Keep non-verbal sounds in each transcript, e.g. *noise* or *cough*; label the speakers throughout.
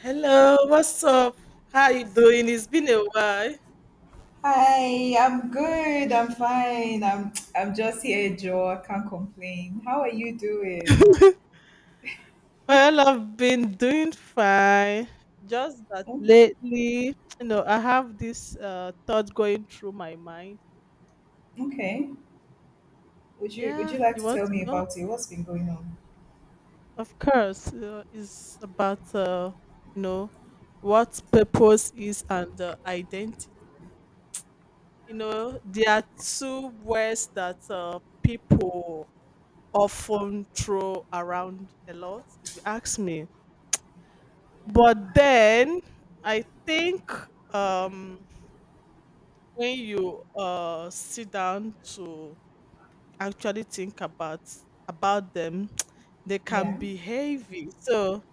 Speaker 1: Hello, what's up? How you doing? It's been a while.
Speaker 2: Hi, I'm good. I'm fine. I'm just here, Joe. I can't complain. How are you doing?
Speaker 1: Well, I've been doing fine. Just that
Speaker 2: Oh,
Speaker 1: lately, I have this thought going through my mind.
Speaker 2: okay. Would
Speaker 1: Yeah,
Speaker 2: you like
Speaker 1: you
Speaker 2: to
Speaker 1: want
Speaker 2: tell
Speaker 1: to
Speaker 2: me
Speaker 1: know?
Speaker 2: about it? What's been going on?
Speaker 1: Of course, it's about you know what purpose is and identity. There are two words that people often throw around a lot. If you ask me. But then I think, um, when you sit down to actually think about them, *tsk* they can
Speaker 2: Yeah.
Speaker 1: be heavy. So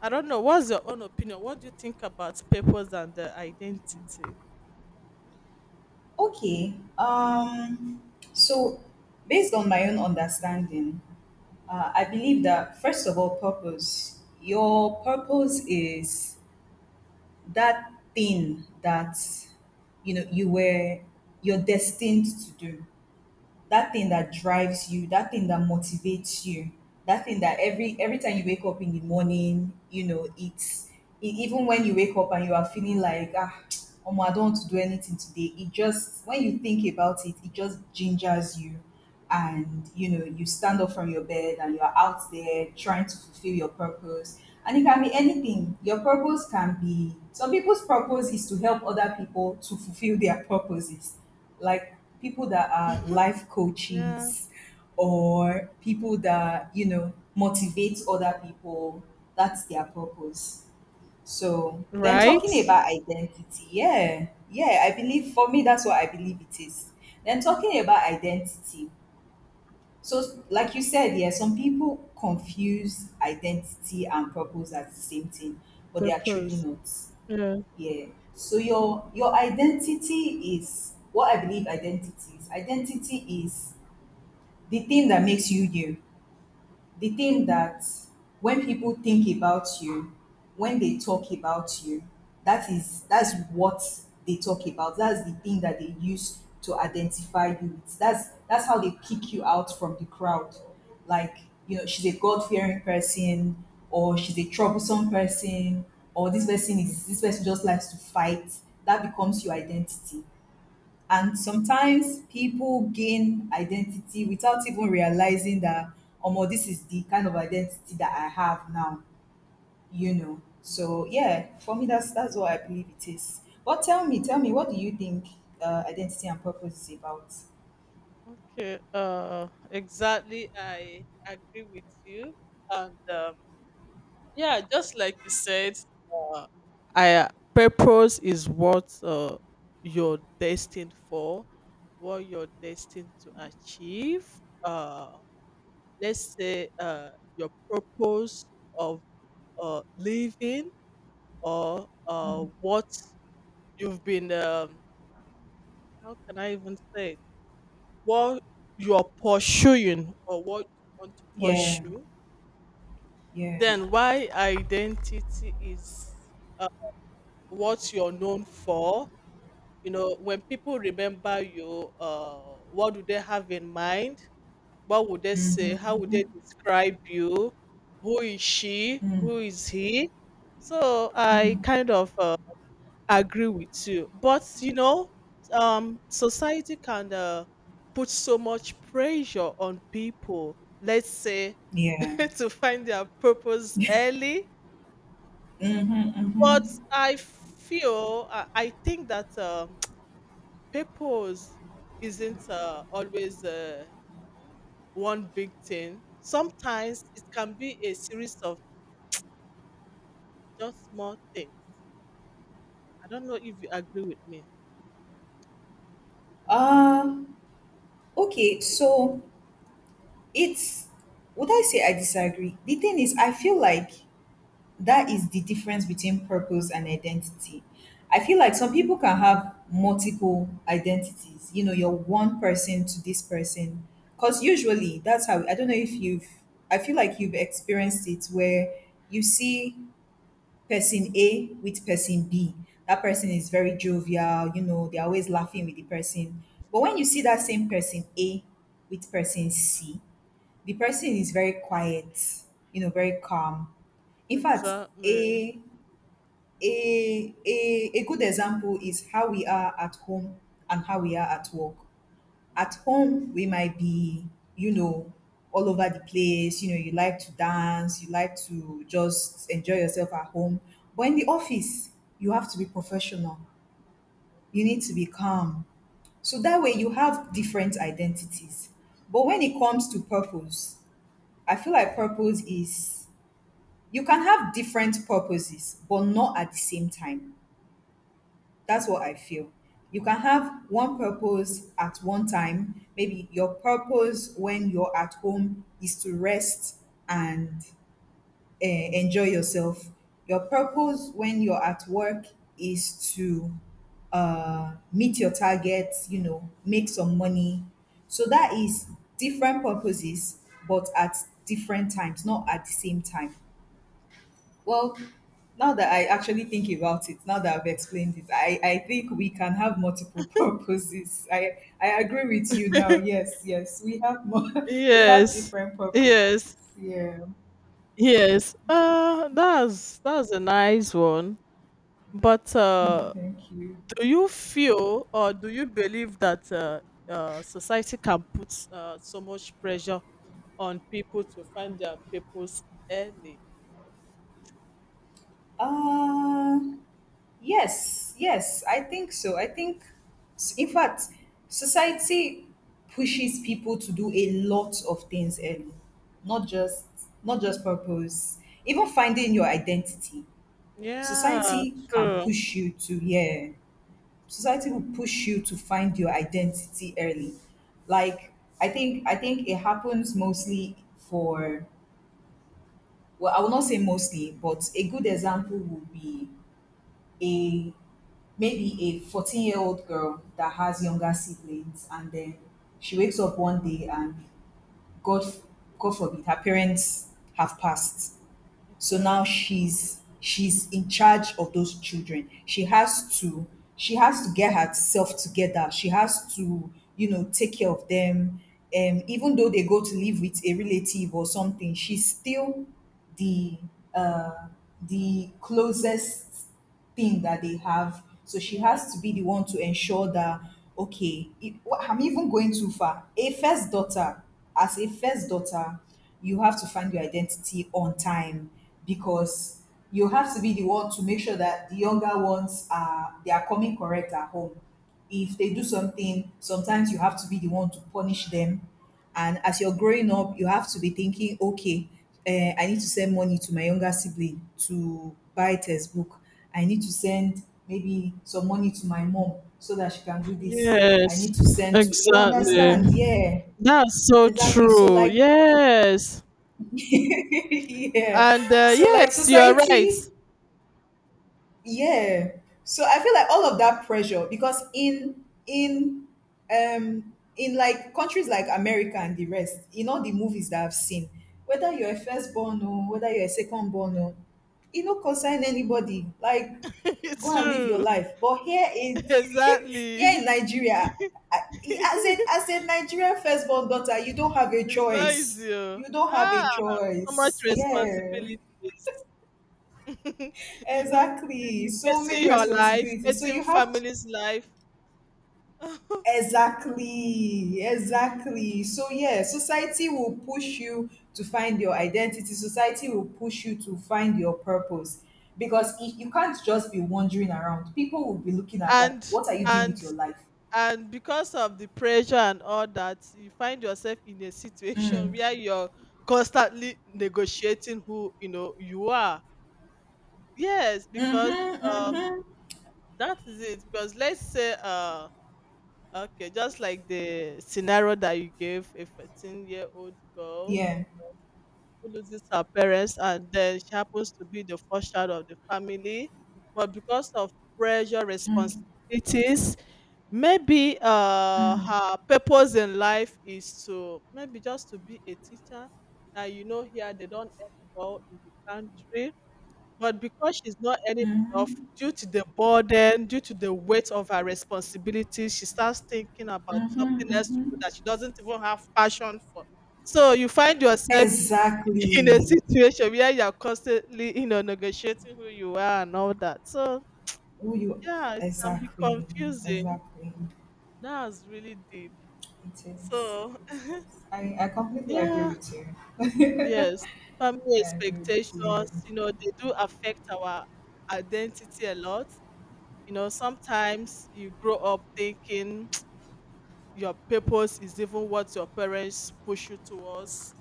Speaker 1: I don't know. What's your own opinion? What do you think about purpose and their identity?
Speaker 2: Okay. So, based on my own understanding, I believe that first of all, purpose. Your purpose is that thing that you know you're destined to do, that thing that drives you, that thing that motivates you, that thing that every time you wake up in the morning, you know, it's even when you wake up and you are feeling like ah, *tsk* oh, I don't want to do anything today. It just when you think about it, it just gingers you, and you know you stand up from your bed and you're out there trying to fulfill your purpose. And it can be anything. Your purpose can be, some people's purpose is to help other people to fulfill their purposes, like people that are
Speaker 1: Mhm.
Speaker 2: life
Speaker 1: Yeah.
Speaker 2: coaches, or people that you know motivate other people. That's their purpose. So then
Speaker 1: Right?
Speaker 2: talking about identity, yeah, yeah, I believe, for me that's what I believe it is. Then talking about identity, so, like you said, yeah, some people confuse identity and purpose as the same thing, but they are truly
Speaker 1: Purpose.
Speaker 2: not.
Speaker 1: Yeah.
Speaker 2: Yeah. So your identity is, what I believe identity is. Identity is the thing that makes you you, the thing that when people think about you, when they talk about you, that is, that's what they talk about. That's the thing that they use to identify you. It's, that's how they pick you out from the crowd. Like, you know, she's a God fearing person, or she's a troublesome person, or this person is, this person just likes to fight. That becomes your identity. And sometimes people gain identity without even realizing that, oh, this is the kind of identity that I have now, you know. So yeah, for me, that's what I believe it is. But tell me, what do you think identity and purpose is about?
Speaker 1: Okay. Exactly. I agree with you, and yeah, just like you said, uh, I purpose is what you're destined for, what you're destined to achieve. Uh, let's say your purpose of living, or what you've been, how can I even say it? What you're pursuing, or what you want to
Speaker 2: Yeah,
Speaker 1: pursue.
Speaker 2: yeah,
Speaker 1: Then why identity is what you're known for. When people remember you, what do they have in mind? What would they say? How would they describe you? Who is she? Who is he? So I kind of agree with you. But society can put so much pressure on people, let's say,
Speaker 2: yeah.
Speaker 1: *laughs* to find their purpose early.
Speaker 2: Mm-hmm.
Speaker 1: But I think that purpose isn't always one big thing. Sometimes it can be a series of just small things. I don't know if you agree with me.
Speaker 2: Uh, okay, so it's, would I say I disagree? The thing is, I feel like that is the difference between purpose and identity. I feel like some people can have multiple identities. You know, you're one person to this person. Because usually that's how, I don't know if you've, I feel like you've experienced it where you see person A with person B. That person is very jovial, you know, they're always laughing with the person. But when you see that same person A with person C, the person is very quiet, you know, very calm. In fact,
Speaker 1: Exactly.
Speaker 2: a a a, a good example is how we are at home and how we are at work. At home, we might be, you know, all over the place. You know, you like to dance, you like to just enjoy yourself at home. But in the office, you have to be professional. You need to be calm. So that way, you have different identities. But when it comes to purpose, I feel like purpose is, you can have different purposes, but not at the same time. That's what I feel. You can have one purpose at one time. Maybe your purpose when you're at home is to rest and enjoy yourself. Your purpose when you're at work is to meet your targets, you know, make some money. So that is different purposes, but at different times, not at the same time. Well, now that I actually think about it, now that I've explained it, I think we can have multiple *laughs* purposes. I agree with you now.
Speaker 1: *laughs*
Speaker 2: Yes, yes, we have more, *laughs* we have
Speaker 1: Yes.
Speaker 2: different purposes.
Speaker 1: Yes.
Speaker 2: Yeah.
Speaker 1: Yes. That's a nice one. But
Speaker 2: Mm, thank you.
Speaker 1: do you feel, or do you believe, that society can put so much pressure on people to find their purpose early?
Speaker 2: Uh, yes, yes, I think so. I think, in fact, society pushes people to do a lot of things early, not just not just purpose. Even finding your identity.
Speaker 1: Yeah,
Speaker 2: Society can
Speaker 1: true.
Speaker 2: push you to, yeah, society will push you to find your identity early. Like, I think it happens mostly for, well, I will not say mostly, but a good example would be a maybe a 14-year-old girl that has younger siblings, and then she wakes up one day and, god, god forbid her parents have passed. So now
Speaker 1: Okay.
Speaker 2: she's in charge of those children. She has to, she has to get herself together, she has to, you know, take care of them. Even though they go to live with a relative or something, she's still the uh, the closest thing that they have. So she has to be the one to ensure that, okay, it, I'm even going too far. A first daughter, as a first daughter, you have to find your identity on time, because you have to be the one to make sure that the younger ones are, they are coming correct at home. If they do something, sometimes you have to be the one to punish them. And as you're growing up, you have to be thinking, okay, eh, I need to send money to my younger sibling to buy a textbook. I need to send maybe some money to my mom so that she can do this. I
Speaker 1: Yes,
Speaker 2: need to send, to, you understand?
Speaker 1: exactly.
Speaker 2: Yeah,
Speaker 1: That's so
Speaker 2: exactly. So
Speaker 1: true.
Speaker 2: like,
Speaker 1: Yes.
Speaker 2: *laughs* yeah.
Speaker 1: And
Speaker 2: So like
Speaker 1: yes, you are right.
Speaker 2: society, yeah, so I feel like all of that pressure, because in like countries like America and the rest, in all the movies that I've seen, whether you're a firstborn or whether you're a secondborn, or e no concern anybody, like,
Speaker 1: *laughs* It's
Speaker 2: go and live your
Speaker 1: true.
Speaker 2: life. But
Speaker 1: *laughs*
Speaker 2: here in
Speaker 1: Exactly. *laughs*
Speaker 2: Nigeria, as a,
Speaker 1: It's
Speaker 2: as a Nigerian firstborn daughter, you don't have a
Speaker 1: not
Speaker 2: choice.
Speaker 1: easy.
Speaker 2: You
Speaker 1: Oh.
Speaker 2: don't have a
Speaker 1: Ah, so much
Speaker 2: choice, yeah,
Speaker 1: responsibilities. *laughs* You'll
Speaker 2: exactly,
Speaker 1: be
Speaker 2: so
Speaker 1: facing
Speaker 2: many
Speaker 1: your life,
Speaker 2: responsibilities, so
Speaker 1: facing
Speaker 2: you have,
Speaker 1: family's life, *laughs*
Speaker 2: exactly, exactly. So, yeah, society will push you to find your identity. Society will push you to find your purpose. Because if you can't just be wandering around, people will be looking at, like,
Speaker 1: and
Speaker 2: what are you doing with
Speaker 1: and
Speaker 2: your life?
Speaker 1: and because of the pressure and all that, you find yourself in a situation *laughs* where you're constantly negotiating who you know you are. Yes, because
Speaker 2: Mm-hmm,
Speaker 1: um
Speaker 2: mm-hmm.
Speaker 1: that is it. Because let's say, okay, just like the scenario that you gave, a 14-year-old girl
Speaker 2: Yeah.
Speaker 1: who loses her parents, and then she happens to be the first child of the family. But because of pressure,
Speaker 2: Mm,
Speaker 1: responsibilities, maybe
Speaker 2: mm,
Speaker 1: her purpose in life is to maybe just to be a teacher. And here they don't earn well in the country. But because she's not earning enough,
Speaker 2: mm-hmm,
Speaker 1: due to the burden, due to the weight of her responsibilities, she starts thinking about something
Speaker 2: mm-hmm,
Speaker 1: else to do,
Speaker 2: mm-hmm.
Speaker 1: that she doesn't even have passion for. So you find yourself in a
Speaker 2: Exactly.
Speaker 1: situation where you're constantly, negotiating who you are and all that. So
Speaker 2: Who you,
Speaker 1: yeah, it can be
Speaker 2: exactly.
Speaker 1: confusing.
Speaker 2: Exactly.
Speaker 1: That's really deep.
Speaker 2: It is. It
Speaker 1: So
Speaker 2: is. I
Speaker 1: *laughs*
Speaker 2: completely agree
Speaker 1: yeah,
Speaker 2: with you. *laughs*
Speaker 1: yes. Family
Speaker 2: I agree with you.
Speaker 1: expectations, they do affect our identity a lot. Sometimes you grow up thinking *tsk* your purpose is even what your parents push you towards.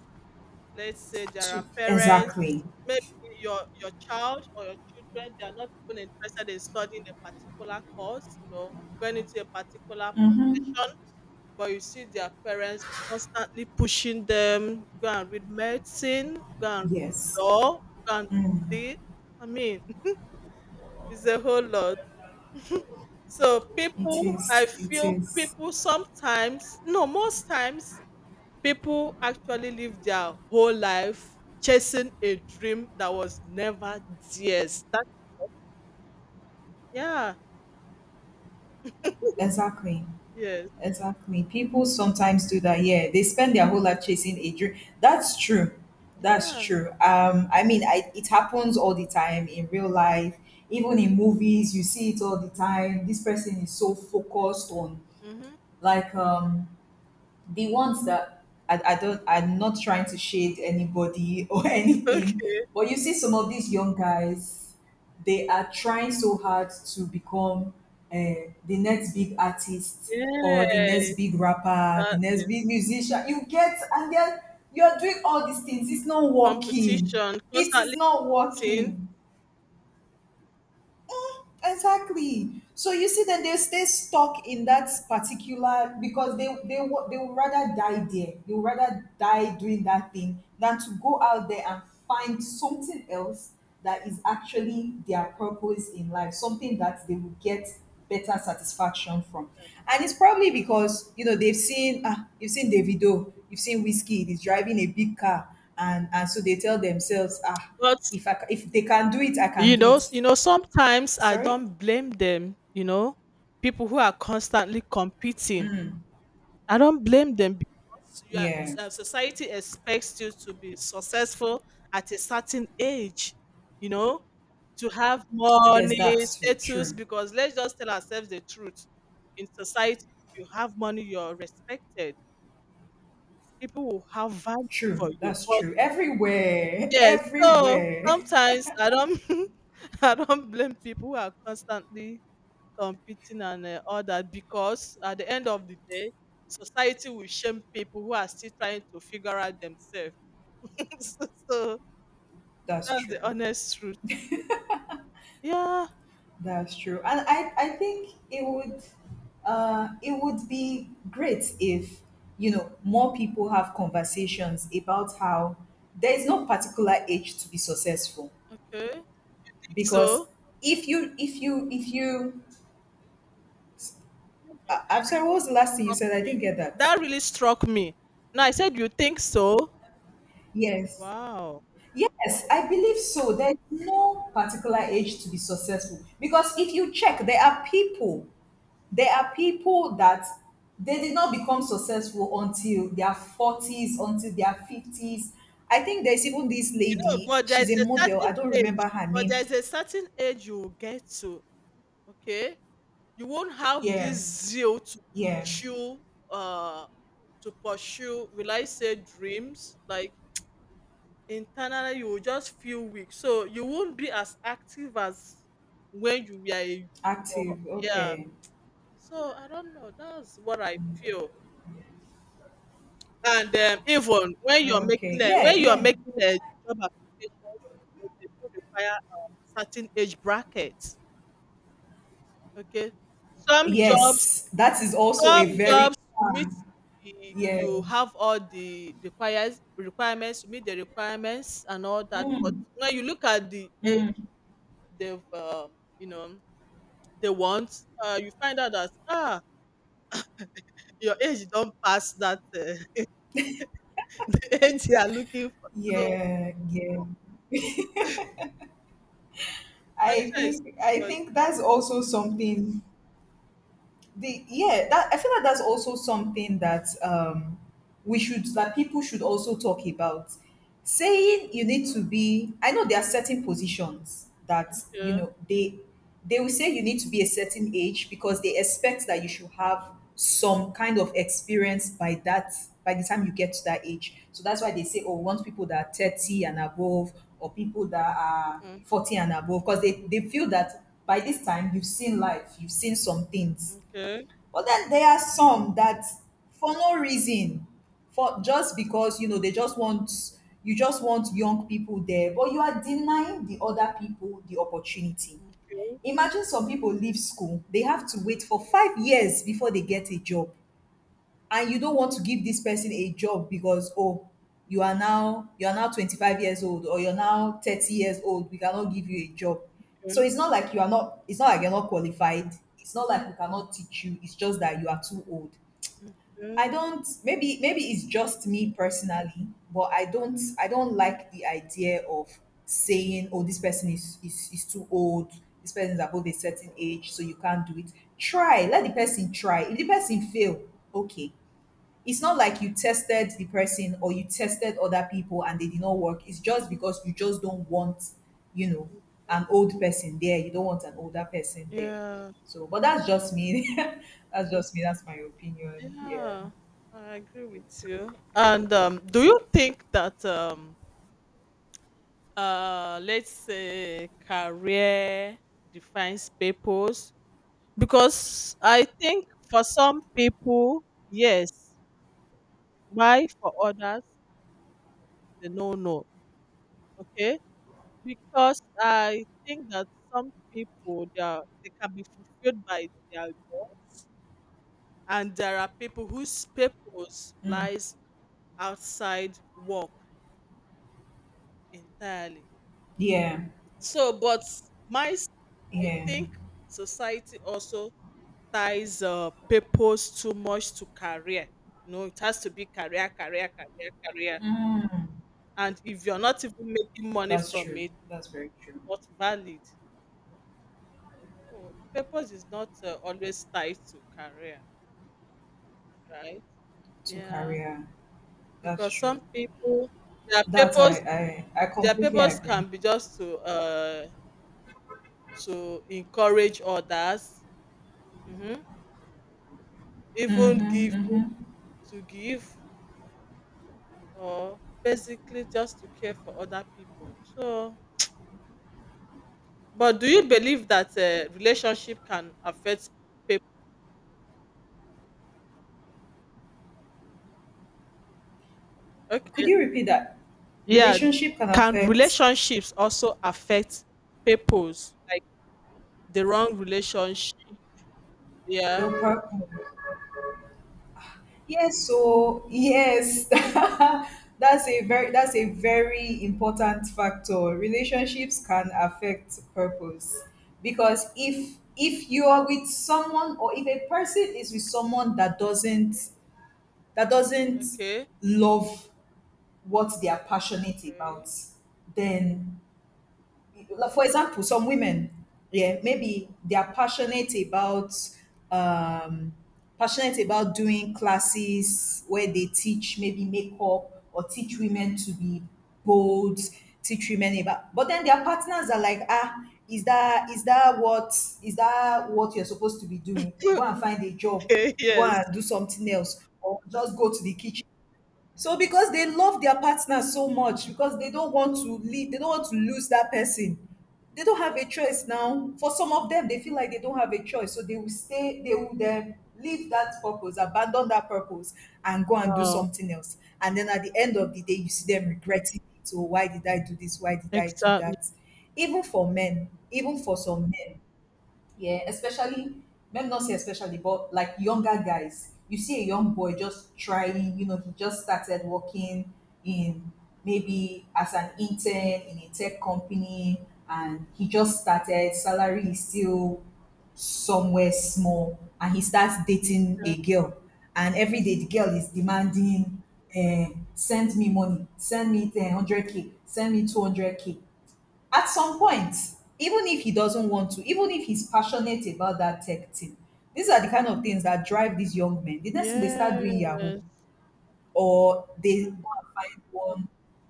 Speaker 1: Let's say there are
Speaker 2: To-
Speaker 1: parents,
Speaker 2: Exactly.
Speaker 1: maybe your child or your children, they are not even interested in studying a particular course, going into a particular
Speaker 2: Mm-hmm.
Speaker 1: profession. But you see their parents constantly pushing them, go and read medicine, go and
Speaker 2: Yes,
Speaker 1: read law, go and see. I mean, *laughs* it's a whole lot. So
Speaker 2: it
Speaker 1: people, I
Speaker 2: is. It
Speaker 1: feel,
Speaker 2: is.
Speaker 1: people sometimes, no, most times, people actually live their whole life chasing a dream that was never theirs. That, yeah,
Speaker 2: Exactly.
Speaker 1: yes.
Speaker 2: Exactly. People sometimes do that. Yeah, they spend their whole life chasing a dream. That's true. That's
Speaker 1: Yeah.
Speaker 2: true. I mean, it happens all the time in real life. Even in movies, you see it all the time. This person is so focused on,
Speaker 1: Hmm.
Speaker 2: like, um, the ones that I don't, I'm not trying to shade anybody *laughs* or anything,
Speaker 1: Okay.
Speaker 2: but you see some of these young guys, they are trying so hard to become the next big artist, or the next big
Speaker 1: Yes.
Speaker 2: rapper, the next
Speaker 1: Exactly.
Speaker 2: big musician. You get, and then you're doing all these things. It's not working.
Speaker 1: Competition,
Speaker 2: It is
Speaker 1: constantly
Speaker 2: not
Speaker 1: competing.
Speaker 2: working. Exactly. So you see, then they stay stuck in that particular, because they would rather die there. They would rather die doing that thing than to go out there and find something else that is actually their purpose in life, something that they will get better satisfaction from. And it's probably because, you know, they've seen, ah, you've seen Davido, you've seen Whiskey, he's driving a big car, and so they tell themselves, ah,
Speaker 1: But
Speaker 2: if I ca- if they can do it, I can
Speaker 1: you
Speaker 2: do
Speaker 1: know,
Speaker 2: it.
Speaker 1: you know, sometimes I
Speaker 2: Sorry.
Speaker 1: don't blame them, people who are constantly competing, I don't blame them, because
Speaker 2: Yeah,
Speaker 1: society expects you to be successful at a certain age, you know, to have
Speaker 2: there's that
Speaker 1: money,
Speaker 2: too.
Speaker 1: status.
Speaker 2: True.
Speaker 1: Because let's just tell ourselves the truth. In society, if you have money, you're respected. People will have value
Speaker 2: True.
Speaker 1: for you.
Speaker 2: That's
Speaker 1: But
Speaker 2: true. Everywhere. *laughs*
Speaker 1: yes, so
Speaker 2: Everywhere.
Speaker 1: sometimes I don't, *laughs* I don't blame people who are constantly competing, and all that, because at the end of the day society will shame people who are still trying to figure out themselves. *laughs* So, so
Speaker 2: That's
Speaker 1: that's
Speaker 2: true.
Speaker 1: the honest truth. Yeah.
Speaker 2: That's true. And I think it would be great if, you know, more people have conversations about how there is no particular age to be successful.
Speaker 1: Okay. Think
Speaker 2: Because
Speaker 1: so.
Speaker 2: if you, I'm sorry, what was the last thing you
Speaker 1: Struck
Speaker 2: said? I
Speaker 1: me.
Speaker 2: didn't get that.
Speaker 1: That really struck me. Now I said, you think so?
Speaker 2: Yes.
Speaker 1: Wow.
Speaker 2: Yes, I believe so. There's no particular age to be successful, because if you check, there are people that they did not become successful until their 40s, until their 50s. I think there's even this
Speaker 1: You know,
Speaker 2: lady,
Speaker 1: but there
Speaker 2: she's
Speaker 1: is
Speaker 2: a
Speaker 1: a
Speaker 2: model, I
Speaker 1: certain
Speaker 2: don't remember
Speaker 1: age,
Speaker 2: her
Speaker 1: but there
Speaker 2: name.
Speaker 1: is a certain age you will get to. Okay. You won't have this
Speaker 2: Yeah,
Speaker 1: zeal to
Speaker 2: yeah.
Speaker 1: pursue uh to pursue. Will I say dreams? Like, internally you will just feel weak. So you won't be as active as when you were a, or,
Speaker 2: Active.
Speaker 1: yeah.
Speaker 2: Okay.
Speaker 1: So I don't know. That's what I feel. And even when
Speaker 2: Okay. Yeah,
Speaker 1: you're
Speaker 2: yeah.
Speaker 1: making a job applications, they do require a certain age bracket. Okay. Some jobs,
Speaker 2: Yes, that is also a
Speaker 1: some
Speaker 2: very,
Speaker 1: jobs you meet
Speaker 2: yeah,
Speaker 1: you have all the requires requirements, you meet the requirements and all that. But when you look at the age they've, you know they want, you find out that, your age don't pass that, *laughs* the age you are looking for. So
Speaker 2: yeah, yeah. I
Speaker 1: pressure is
Speaker 2: think
Speaker 1: too
Speaker 2: I
Speaker 1: much.
Speaker 2: think that's also something. The Yeah, that I feel like that's also something that we should that people should also talk about, saying you need to be I know there are certain positions that, you
Speaker 1: Yeah.
Speaker 2: know, they will say you need to be a certain age because they expect that you should have some kind of experience by the time you get to that age. So that's why they say, oh, we want people that are 30 and above, or people that are
Speaker 1: Mm,
Speaker 2: 40 and above, because they feel that by this time, you've seen life, you've seen some things.
Speaker 1: okay.
Speaker 2: But then there are some that, for no reason, for just because you just want young people there, but you are denying the other people the opportunity.
Speaker 1: Okay.
Speaker 2: Imagine some people leave school, they have to wait for 5 years before they get a job. And you don't want to give this person a job because, oh, you are now 25 years old, or you're now 30 years old. We cannot give you a job. So
Speaker 1: Okay.
Speaker 2: it's not like you're not qualified, it's not like we cannot teach you, it's just that you are too old. i
Speaker 1: Okay.
Speaker 2: don't maybe maybe it's just me personally, but I don't like the idea of saying, oh, this person is too old. This person is above a certain age, so you can't do it. Try, let the person try. If the person fail, okay. It's not like you tested the person, or you tested other people and they did not work. It's just because you just don't want, you know, an old person there. You don't want an older person there.
Speaker 1: Yeah.
Speaker 2: So, but that's just me. *laughs* That's just me. That's my opinion. Yeah.
Speaker 1: Yeah, I agree with you. And do you think that, let's say, career defines purpose? Because I think for some people, yes, why, for others, it's a no no. Okay, because I think that some people, they can be fulfilled by their jobs, and there are people whose purpose lies outside work entirely.
Speaker 2: Yeah.
Speaker 1: So, but my s- I
Speaker 2: Yeah.
Speaker 1: think society also ties purpose too much to career. No, it has to be career, career, career, career. And if you're not even making money
Speaker 2: That's
Speaker 1: from
Speaker 2: true.
Speaker 1: it,
Speaker 2: That's very true.
Speaker 1: not valid. So purpose is not always tied to career, right?
Speaker 2: To
Speaker 1: Yeah,
Speaker 2: career. That's
Speaker 1: because
Speaker 2: true.
Speaker 1: some people, their
Speaker 2: That
Speaker 1: purpose
Speaker 2: I
Speaker 1: their
Speaker 2: completely
Speaker 1: purpose
Speaker 2: agree.
Speaker 1: can be just to encourage others, hmm, even give to give, or basically just to care for other people. So, but do you believe that relationship can affect people? Okay,
Speaker 2: Could you repeat that?
Speaker 1: yeah.
Speaker 2: Relationship can
Speaker 1: Can
Speaker 2: affect
Speaker 1: relationships also affect people's, like, the wrong relationship? Yeah.
Speaker 2: your partner. Yes, so yes, *laughs* that's a very important factor. Relationships can affect purpose, because if you are with someone, or if a person is with someone that doesn't
Speaker 1: Okay.
Speaker 2: love what they are passionate about,
Speaker 1: Okay.
Speaker 2: then, like, for example, some women, yeah, maybe they are um, passionate about doing classes where they teach maybe makeup, or teach women to be bold, teach women about. But then their partners are like, ah, is that what you're supposed to be doing? Go
Speaker 1: *laughs*
Speaker 2: and find a job.
Speaker 1: Okay.
Speaker 2: Go
Speaker 1: Yes.
Speaker 2: and do something else, or just go to the kitchen. So because they love their partner so much, because they don't want to leave, they don't want to lose that person. They don't have a choice now. For some of them, they feel like they don't have a choice, so they will stay. They will then leave that purpose, abandon that purpose, and go and do
Speaker 1: Oh.
Speaker 2: something else. And then at the end of the day, you see them regretting it. So why did I do this? Why did I do
Speaker 1: Exactly.
Speaker 2: that? Even for men, even for some men, yeah, especially, maybe not say especially, but like younger guys. You see a young boy just trying, you know, he just started working in maybe as an intern in a tech company, and he just started, salary is still somewhere small, and he starts dating
Speaker 1: Yeah.
Speaker 2: a girl. And every day the girl is demanding, eh, send me money, send me 100K, send me 200K. At some point, even if he doesn't want to, even if he's passionate about that tech thing, these are the kind of things that drive these young men. The next thing, they start doing yahoo,
Speaker 1: Yes.
Speaker 2: or they go and find one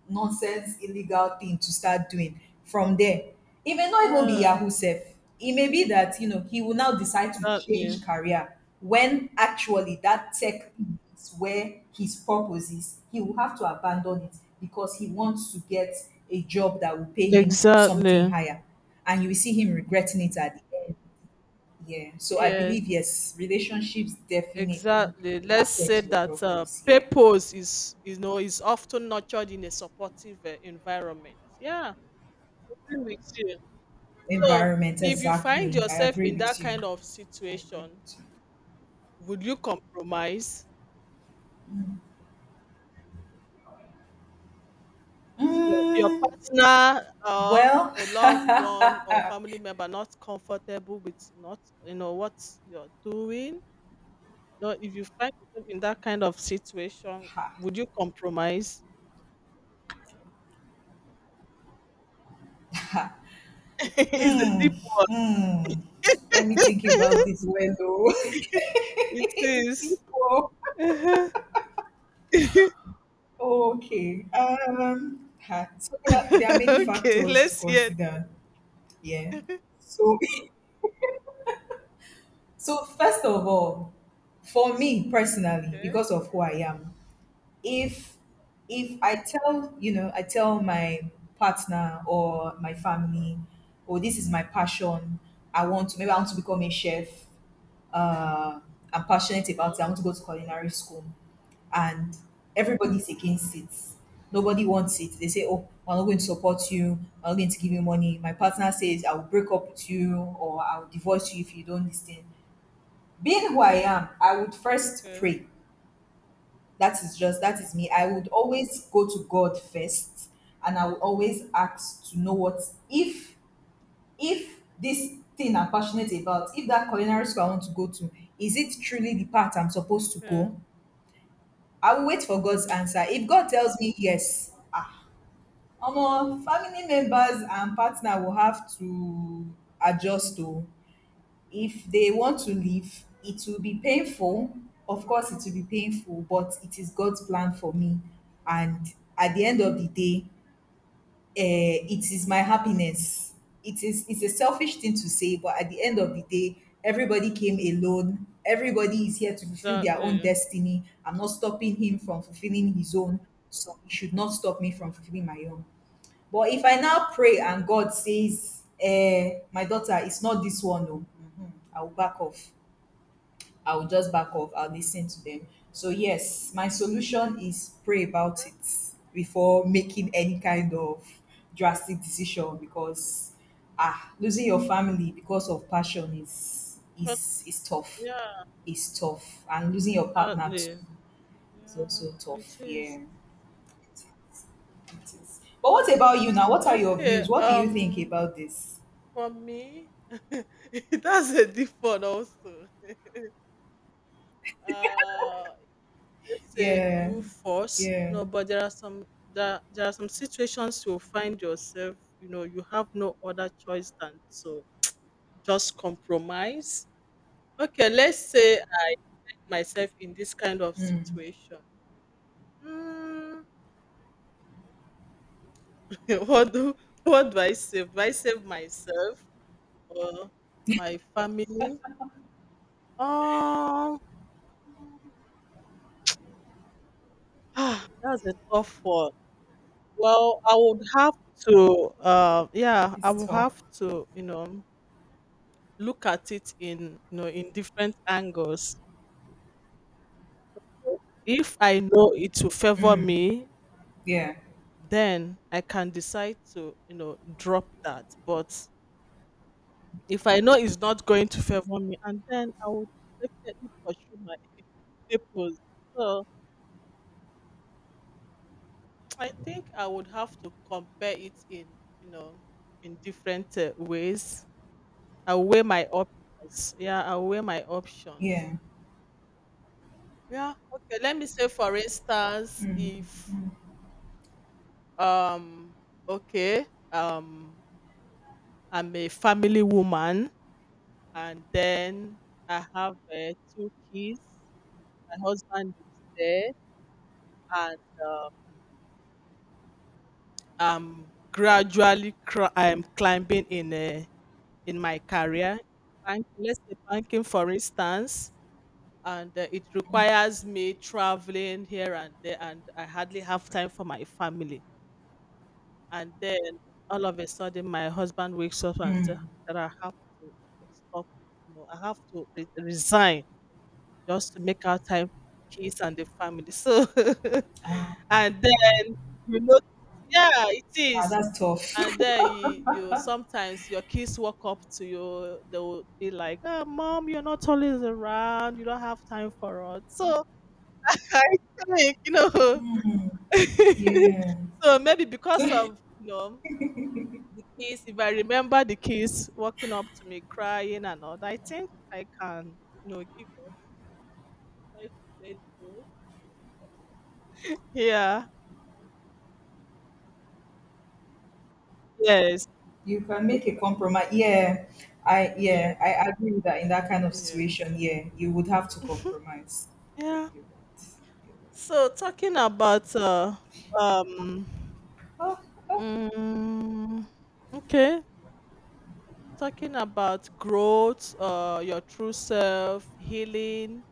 Speaker 2: nonsense illegal thing to start doing from there. It may not even be
Speaker 1: Yeah.
Speaker 2: Yahoo self. It may be that, he will now decide to
Speaker 1: Exactly.
Speaker 2: change career, when actually that tech is where his purpose is. He will have to abandon it because he wants to get a job that will pay him something
Speaker 1: Exactly.
Speaker 2: higher. And you will see him regretting it at the end. Yeah. So I
Speaker 1: Yes.
Speaker 2: believe, yes, relationships definitely
Speaker 1: Exactly. Let's say
Speaker 2: affect your
Speaker 1: that
Speaker 2: purpose. Yeah.
Speaker 1: purpose is often nurtured in a supportive environment. Yeah, agree with you. So,
Speaker 2: Environment,
Speaker 1: if you find
Speaker 2: exactly. I
Speaker 1: yourself
Speaker 2: agree
Speaker 1: in
Speaker 2: with
Speaker 1: that
Speaker 2: you.
Speaker 1: kind of
Speaker 2: I agree
Speaker 1: situation,
Speaker 2: with you.
Speaker 1: would you compromise your
Speaker 2: Mm,
Speaker 1: partner, or
Speaker 2: well, *laughs*
Speaker 1: a loved
Speaker 2: mm,
Speaker 1: one or family member not comfortable with, not, what you're doing? No, if you find yourself in that kind of situation, would you compromise? *laughs* It's a deep one.
Speaker 2: mm. Let me think about
Speaker 1: *laughs*
Speaker 2: this well though.
Speaker 1: *laughs* It
Speaker 2: *laughs*
Speaker 1: is.
Speaker 2: Tipo.
Speaker 1: Uh-huh. *laughs*
Speaker 2: Okay. Ha. So there are many
Speaker 1: Okay,
Speaker 2: factors to
Speaker 1: let's hear. *laughs*
Speaker 2: consider. Yeah. So, *laughs* first of all, for me personally,
Speaker 1: Okay,
Speaker 2: because of who I am, if if I tell my partner or my family, oh, this is my passion. I want to maybe I want to become a chef. Uh, I'm passionate
Speaker 1: okay,
Speaker 2: about it. I want to go to culinary school, and everybody's against it. Nobody wants it. They say, oh, I'm not going to support you. I'm not going to give you money. My partner says, I will break up with you, or I will divorce you if you don't listen. Being who I am, I would first
Speaker 1: okay,
Speaker 2: pray. That is me. I would always go to God first, and I would always ask to know what if if this thing I'm passionate about, if that culinary school I want to go to, is it truly the path I'm supposed to
Speaker 1: okay.
Speaker 2: go? I will wait for God's answer. If God tells me yes, omo, family members and partner will have to adjust to. If they want to leave, it will be painful. Of course, it will be painful, but it is God's plan for me. And at the end of the day, it is
Speaker 1: Mm.
Speaker 2: my happiness. It's a selfish thing to say, but at the end of the day, everybody came alone. Everybody is here to fulfill their own
Speaker 1: Exactly.
Speaker 2: destiny. I'm not stopping him from fulfilling his own, so he should not stop me from fulfilling my own. But if I now pray and God says, my daughter, it's not this one, no, I will back off. I'll just back off. I'll listen to them. So yes, my solution is pray about it before making any kind of drastic decision, because losing your family because of passion is
Speaker 1: But
Speaker 2: is is tough.
Speaker 1: yeah,
Speaker 2: Is tough. And losing your partner
Speaker 1: exactly.
Speaker 2: too is
Speaker 1: Yeah,
Speaker 2: also
Speaker 1: it
Speaker 2: tough. Yeah.
Speaker 1: is.
Speaker 2: It is. But what about you now? What are your
Speaker 1: Okay,
Speaker 2: views? What do you think about this?
Speaker 1: for me, *laughs* that's a deep one also. Uh let's say
Speaker 2: Yeah,
Speaker 1: you force.
Speaker 2: yeah,
Speaker 1: No, but there are there are some situations you'll find yourself, you have no other choice than to just compromise. Okay, let's say I'm myself in this kind of situation. Hmm. *laughs* what do what do I save? Do I save myself, or my family? Um, that's a tough one. Well, I
Speaker 2: it's
Speaker 1: would
Speaker 2: tough.
Speaker 1: have to, look at it in different angles. If I know it will favor me,
Speaker 2: Yeah,
Speaker 1: then I can decide to, drop that. But if I know it's not going to favor me, and then I would definitely pursue my *laughs* papers. So I think I would have to compare it in, you know, in different ways. I weigh my options. Yeah, I weigh my options.
Speaker 2: yeah.
Speaker 1: Yeah. Okay. Let me say, for instance, if, um, okay, um, I'm a family woman, and then I have two kids. My husband is there, and um, I'm gradually cr- I'm climbing in my career. Let's say banking, for instance, and it requires me traveling here and there, and I hardly have time for my family. And then all of a sudden, my husband wakes up and says that I have to stop. I have to resign just to make out time for kids and the family. So *laughs* and then, you know yeah, it
Speaker 2: Ah,
Speaker 1: is.
Speaker 2: that's tough.
Speaker 1: And then you sometimes your kids walk up to you, they will be like, oh, Mom, you're not always around. You don't have time for us. So *laughs* I think,
Speaker 2: *laughs* Yeah.
Speaker 1: *laughs* so maybe because of, the kids, if I remember the kids walking up to me crying and all that, I think I can, give up, try to let go. Yeah. Yes.
Speaker 2: You can make a compromise.
Speaker 1: Yes.
Speaker 2: Yeah, I agree with that in that kind of
Speaker 1: Yes.
Speaker 2: situation. Yeah, you would have to
Speaker 1: *laughs* Mhm.
Speaker 2: compromise.
Speaker 1: Yeah.
Speaker 2: You're right. Right.
Speaker 1: So um mm, okay, talking about growth, your true self, healing,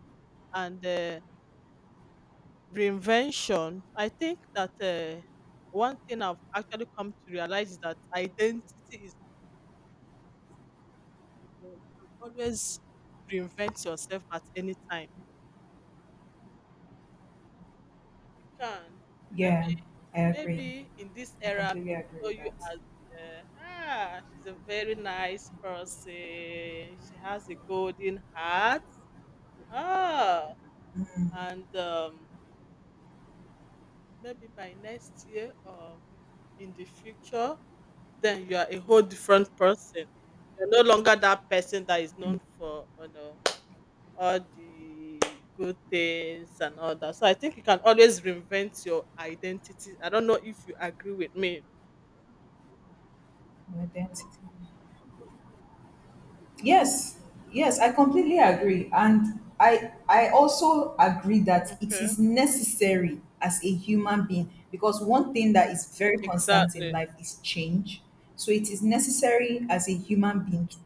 Speaker 1: and reinvention. I think that one thing I've actually come to realize is that identity is, you can always reinvent yourself at any time. Can
Speaker 2: Yeah,
Speaker 1: maybe
Speaker 2: I agree.
Speaker 1: maybe in this
Speaker 2: I
Speaker 1: era
Speaker 2: completely
Speaker 1: people
Speaker 2: agree
Speaker 1: know
Speaker 2: with
Speaker 1: you
Speaker 2: that.
Speaker 1: as, she's a very nice person. She has a golden heart. Ah, and maybe by next year, or in the future, then you are a whole different person. You're no longer that person that is known for, all the good things and all that. So I think you can always reinvent your identity. I don't know if you agree with me.
Speaker 2: My identity. Yes, yes, I completely agree. And I also agree that it
Speaker 1: Okay.
Speaker 2: is necessary as a human being, because one thing that is very constant in
Speaker 1: Exactly.
Speaker 2: life is change. So it is necessary as a human being to,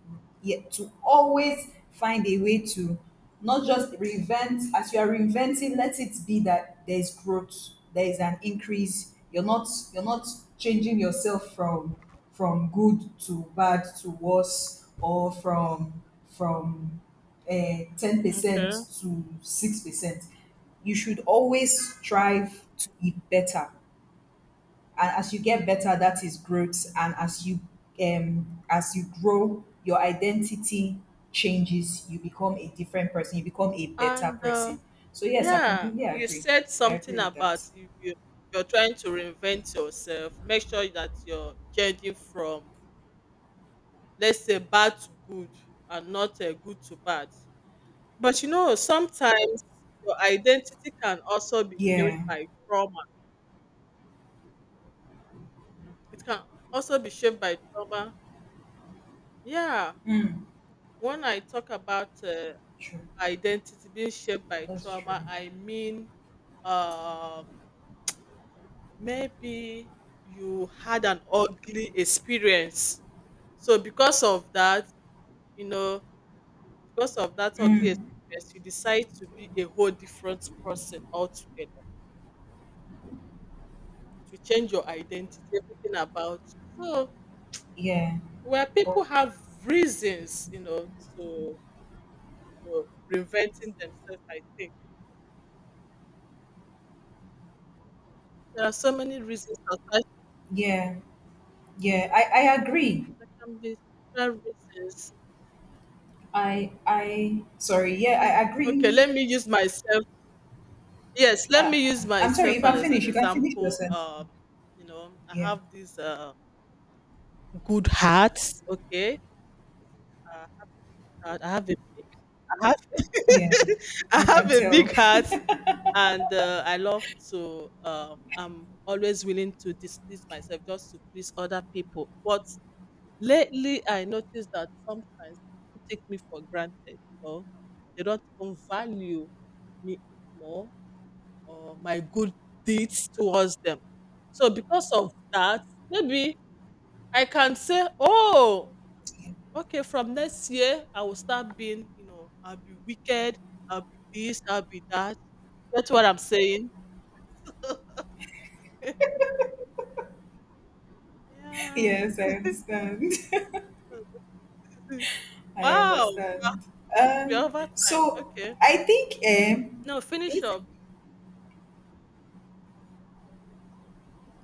Speaker 2: yeah, to always find a way to not just reinvent. As you are reinventing, let it be that there's growth, there is an increase. You're not changing yourself from good to bad to worse, or from 10%
Speaker 1: Okay.
Speaker 2: to 6%. You should always strive to be better, and as you get better, that is growth. And as you grow, your identity changes, you become a different person, you become a better
Speaker 1: And
Speaker 2: person. So yes, I
Speaker 1: yeah,
Speaker 2: completely
Speaker 1: you
Speaker 2: agree.
Speaker 1: said
Speaker 2: I
Speaker 1: something
Speaker 2: agree with that.
Speaker 1: about, if you're trying to reinvent yourself, make sure that you're changing from, let's say, bad to good, and not good to bad. But sometimes your identity can also be shaped
Speaker 2: Yeah.
Speaker 1: by trauma. It can also be shaped by trauma. Yeah,
Speaker 2: Mm,
Speaker 1: when I talk about
Speaker 2: true,
Speaker 1: identity being shaped by
Speaker 2: that's true.
Speaker 1: trauma, I mean, um, maybe you had an ugly experience. So, because of that, you know, because of that ugly
Speaker 2: Mm,
Speaker 1: experience, you decide to be a whole different person altogether. It will change your identity, everything about you. So,
Speaker 2: yeah.
Speaker 1: where
Speaker 2: Oh,
Speaker 1: people have reasons, to, know, reinventing themselves, I think. There are so many reasons attached.
Speaker 2: yeah, yeah, I agree.
Speaker 1: There can be several reasons.
Speaker 2: I sorry, yeah, I agree.
Speaker 1: Okay, let me use myself. Yes, let
Speaker 2: uh,
Speaker 1: me use
Speaker 2: I'm sorry, you
Speaker 1: myself, and
Speaker 2: can
Speaker 1: as
Speaker 2: finish,
Speaker 1: an
Speaker 2: your
Speaker 1: example.
Speaker 2: sentence.
Speaker 1: I
Speaker 2: Yeah.
Speaker 1: have this good heart. Okay, uh, I have a big, I have,
Speaker 2: Yeah,
Speaker 1: *laughs*
Speaker 2: I
Speaker 1: I have
Speaker 2: can
Speaker 1: a
Speaker 2: tell.
Speaker 1: big heart, and I love to. I'm always willing to displease myself just to please other people. But lately, I noticed that sometimes people take me for granted. They don't even value me more, or my good deeds towards them. So because of that, maybe I can say, oh,
Speaker 2: *laughs*
Speaker 1: okay, from next year I will start being, I'll be wicked, I'll be this, I'll be that. That's what I'm saying. *laughs* Yeah.
Speaker 2: Yes, I understand.
Speaker 1: *laughs*
Speaker 2: I
Speaker 1: Wow.
Speaker 2: understand.
Speaker 1: We're
Speaker 2: Um,
Speaker 1: over time.
Speaker 2: so
Speaker 1: Okay.
Speaker 2: I think.
Speaker 1: No, finish
Speaker 2: It's
Speaker 1: up.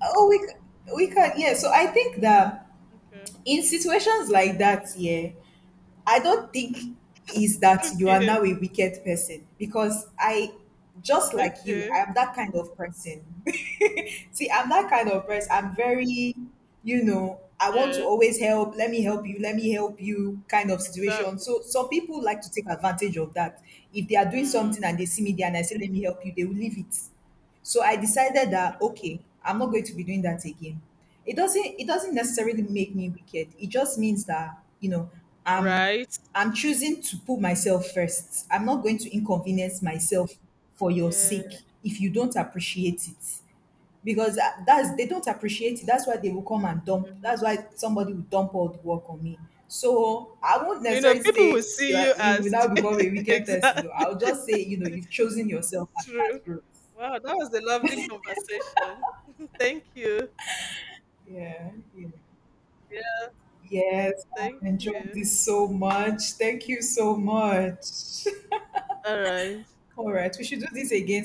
Speaker 2: Oh, we can, yeah. So I think that,
Speaker 1: Okay.
Speaker 2: in situations like that, yeah, I don't think is
Speaker 1: *laughs*
Speaker 2: that you are
Speaker 1: Okay.
Speaker 2: now a wicked person, because I, just like you, I
Speaker 1: Okay.
Speaker 2: am that kind of person. *laughs* See, I'm that kind of person. I'm very, I want to
Speaker 1: Yes,
Speaker 2: always help, let me help you, let me help you kind of situation.
Speaker 1: exactly.
Speaker 2: So some people like to take advantage of that. If they are doing
Speaker 1: Mm.
Speaker 2: something and they see me there and I say, let me help you, they will leave it. So I decided that, okay, I'm not going to be doing that again. It doesn't necessarily make me wicked. It just means that, I'm
Speaker 1: Right?
Speaker 2: I'm choosing to put myself first. I'm not going to inconvenience myself for your
Speaker 1: Yeah.
Speaker 2: sake if you don't appreciate it. Because, that's, they don't appreciate it. That's why they will come and dump. That's
Speaker 1: Mhm.
Speaker 2: why somebody will dump all the work on me. So I won't necessarily
Speaker 1: People will
Speaker 2: say you
Speaker 1: see
Speaker 2: are
Speaker 1: you
Speaker 2: you will
Speaker 1: as,
Speaker 2: now
Speaker 1: *laughs*
Speaker 2: become a wicked person though.
Speaker 1: exactly. *laughs*
Speaker 2: I'll just say, you've chosen yourself,
Speaker 1: It's
Speaker 2: and that's
Speaker 1: true.
Speaker 2: growth.
Speaker 1: Wow, that was a lovely conversation. *laughs* Thank you.
Speaker 2: Yeah. Yeah.
Speaker 1: Yeah,
Speaker 2: Yes,
Speaker 1: thank
Speaker 2: I've enjoyed
Speaker 1: you.
Speaker 2: this so
Speaker 1: Mhm.
Speaker 2: much. Thank you so much.
Speaker 1: All right.
Speaker 2: *laughs* All right, we should do this again